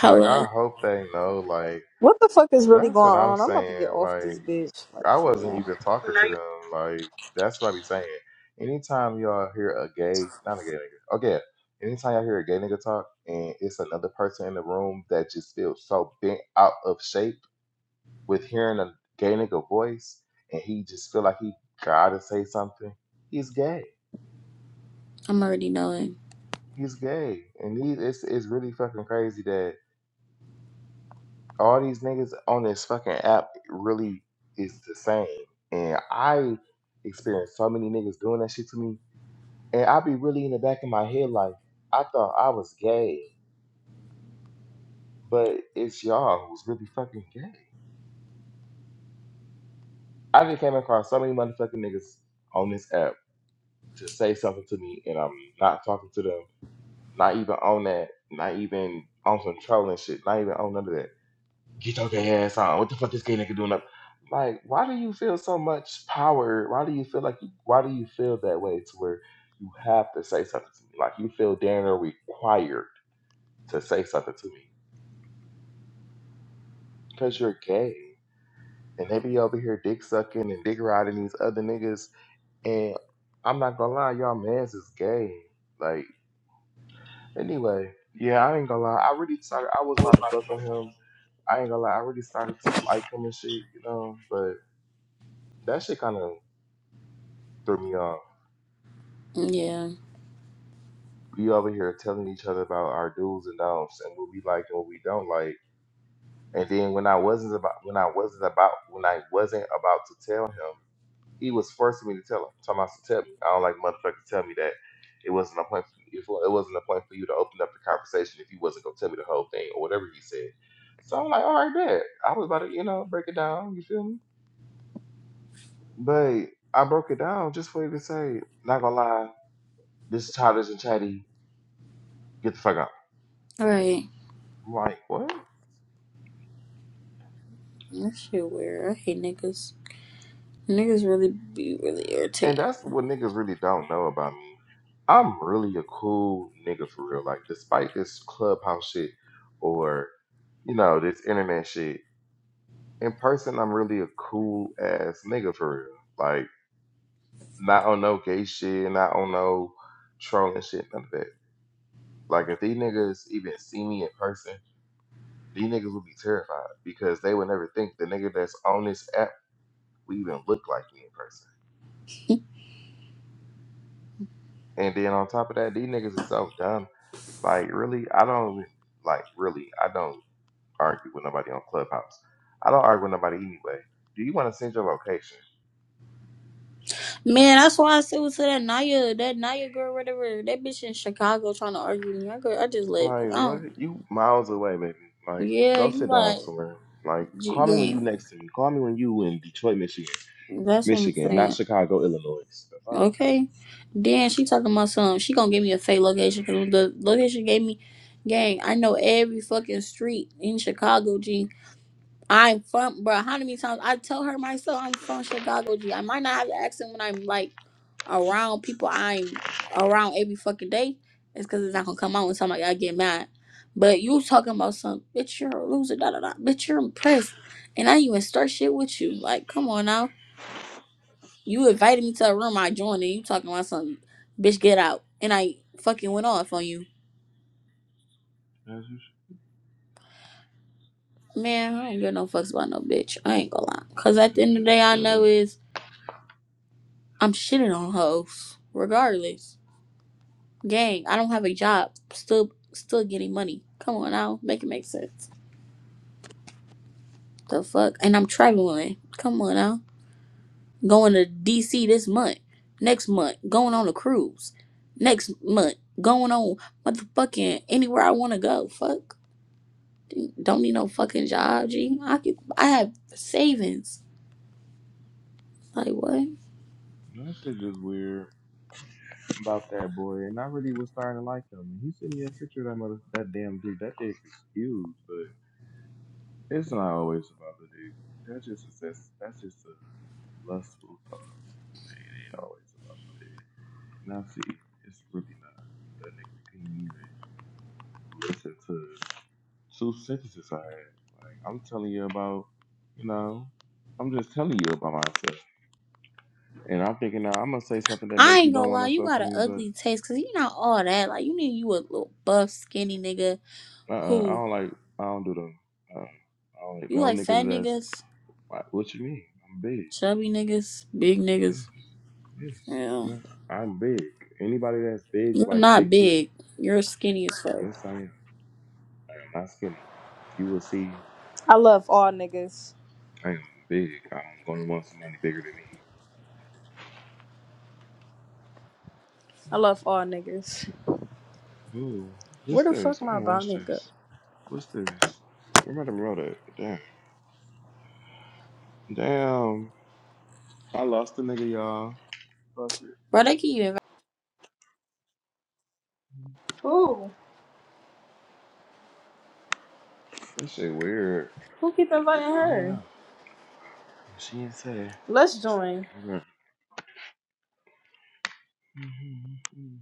Like, I hope they know, like, What the fuck is really that's what going I'm on? I'm about to get saying. off Like, this bitch. Like, I for wasn't real. even talking to them. Like, that's what I be saying. Anytime y'all hear a gay, not a gay nigga, okay, anytime y'all hear a gay nigga talk and it's another person in the room that just feels so bent out of shape with hearing a gay nigga voice and he just feel like he gotta say something, he's gay. I'm already knowing. He's gay. And he, it's, it's really fucking crazy that all these niggas on this fucking app really is the same. And I experienced so many niggas doing that shit to me. And I be really in the back of my head like, I thought I was gay, but it's y'all who's really fucking gay. I just came across so many motherfucking niggas on this app to say something to me, and I'm not talking to them, not even on that, not even on some trolling shit, not even on none of that. get your gay ass on. What the fuck this gay nigga doing up? Like, why do you feel so much power? Why do you feel like you, why do you feel that way to where you have to say something to me? Like you feel damn near required to say something to me because you're gay. And they be over here dick sucking and dick riding these other niggas. And I'm not gonna lie, y'all mans is gay. Like, anyway, yeah, I ain't gonna lie. I really started, I was about to fuck with him. I ain't gonna lie, I really started to like him and shit, you know, but that shit kind of threw me off. Yeah. We over here telling each other about our do's and don'ts and what we like and what we don't like. And then when I wasn't about when I wasn't about when I wasn't about to tell him, he was forcing me to tell him. Talking about to tell me. I don't like motherfuckers tell me that it wasn't a point. For, it wa- it wasn't a point for you to open up the conversation if you wasn't gonna tell me the whole thing or whatever he said. So I'm like, all right, bet. I was about to, you know, break it down. You feel me? But I broke it down just for you to say, not gonna lie, this childish and chatty, get the fuck out. Alright. I'm like, what? That shit weird. I hate niggas. Niggas really be really And irritating. that's what niggas really don't know about me. I'm really a cool nigga for real. Like, despite this clubhouse shit or, you know, this internet shit, in person, I'm really a cool ass nigga for real. Like, not on no gay shit, not on no trolling shit, none of that. Like, if these niggas even see me in person, these niggas would be terrified because they would never think the nigga that's on this app would even look like me in person. And then on top of that, these niggas is so dumb. Like, really, I don't like really, I don't argue with nobody on Clubhouse. I don't argue with nobody anyway. Do you want to send your location? Man, that's why I said to that Naya, that Naya girl, whatever. That bitch in Chicago trying to argue with me. I, go, I just left. 'cause Like, I don't. what? You miles away, baby. Like, Yeah, go you sit down like somewhere. Like, j- call me when you game. next to me. Call me when you in Detroit, Michigan. That's what I'm Michigan, not saying. Chicago, Illinois. The fuck? Okay. Then she talking about something. She gonna give me a fake location because the location gave me, gang. I know every fucking street in Chicago, G. I'm from, bro. How many times I tell her myself I'm from Chicago? G. I might not have the accent when I'm like around people I'm around every fucking day. It's because it's not gonna come out when somebody I get mad. But you talking about some bitch, you're a loser, da da da. Bitch, you're impressed, and I even start shit with you. Like, come on now. You invited me to a room, I joined, and you talking about something. Bitch, get out. And I fucking went off on you. As you, Man, I ain't give no fucks about no bitch. I ain't gonna lie. Cause at the as end of the you day, I know shouldn't. is I'm shitting on hoes, regardless. Gang, I don't have a job. Still still getting money. Come on now. Make it make sense. The fuck? And I'm traveling. Come on now. Going to DC this month. Next month. Going on a cruise. Next month. Going on motherfucking anywhere I wanna go. Fuck. Don't need no fucking job, G. I could I have savings. Like what? That shit just weird about that boy, and I really was starting to like him. He sent me a picture of that mother, that damn dude. That dick is huge, but. It's not always about the dick. That's just a sess- that's just a lustful thought. Man, it ain't always about the dick. And I see it's really not. That nigga couldn't even listen to two sentences I had. Like I'm telling you about, you know, I'm just telling you about myself. And I'm thinking now I'm gonna say something that I make you ain't gonna don't want lie, to you fuck got with an me, but ugly taste, cause you not all that. Like you need you a little buff, skinny nigga uh, uh I who don't like, I don't do them. Uh, I don't like You no like niggas fat that's niggas, like, what you mean? I'm big. chubby niggas, big Yes, niggas. yes. Yeah. Mhm. I'm big. Anybody that's big You're like big not people. big. You're skinny as fuck. Yes, I am. I am not skinny. If you will see, I love all niggas. I am big. I'm gonna want somebody bigger than me. I love all niggas. Ooh, what's Where the this? fuck I'm my gonna about watch nigga? this. What's this? Where wrote it? Damn. Damn. I lost the nigga, y'all. Fuck Bro, they can even it. Who? This shit weird. Who keep inviting I don't her? know. She ain't say. Let's join. Okay. hmm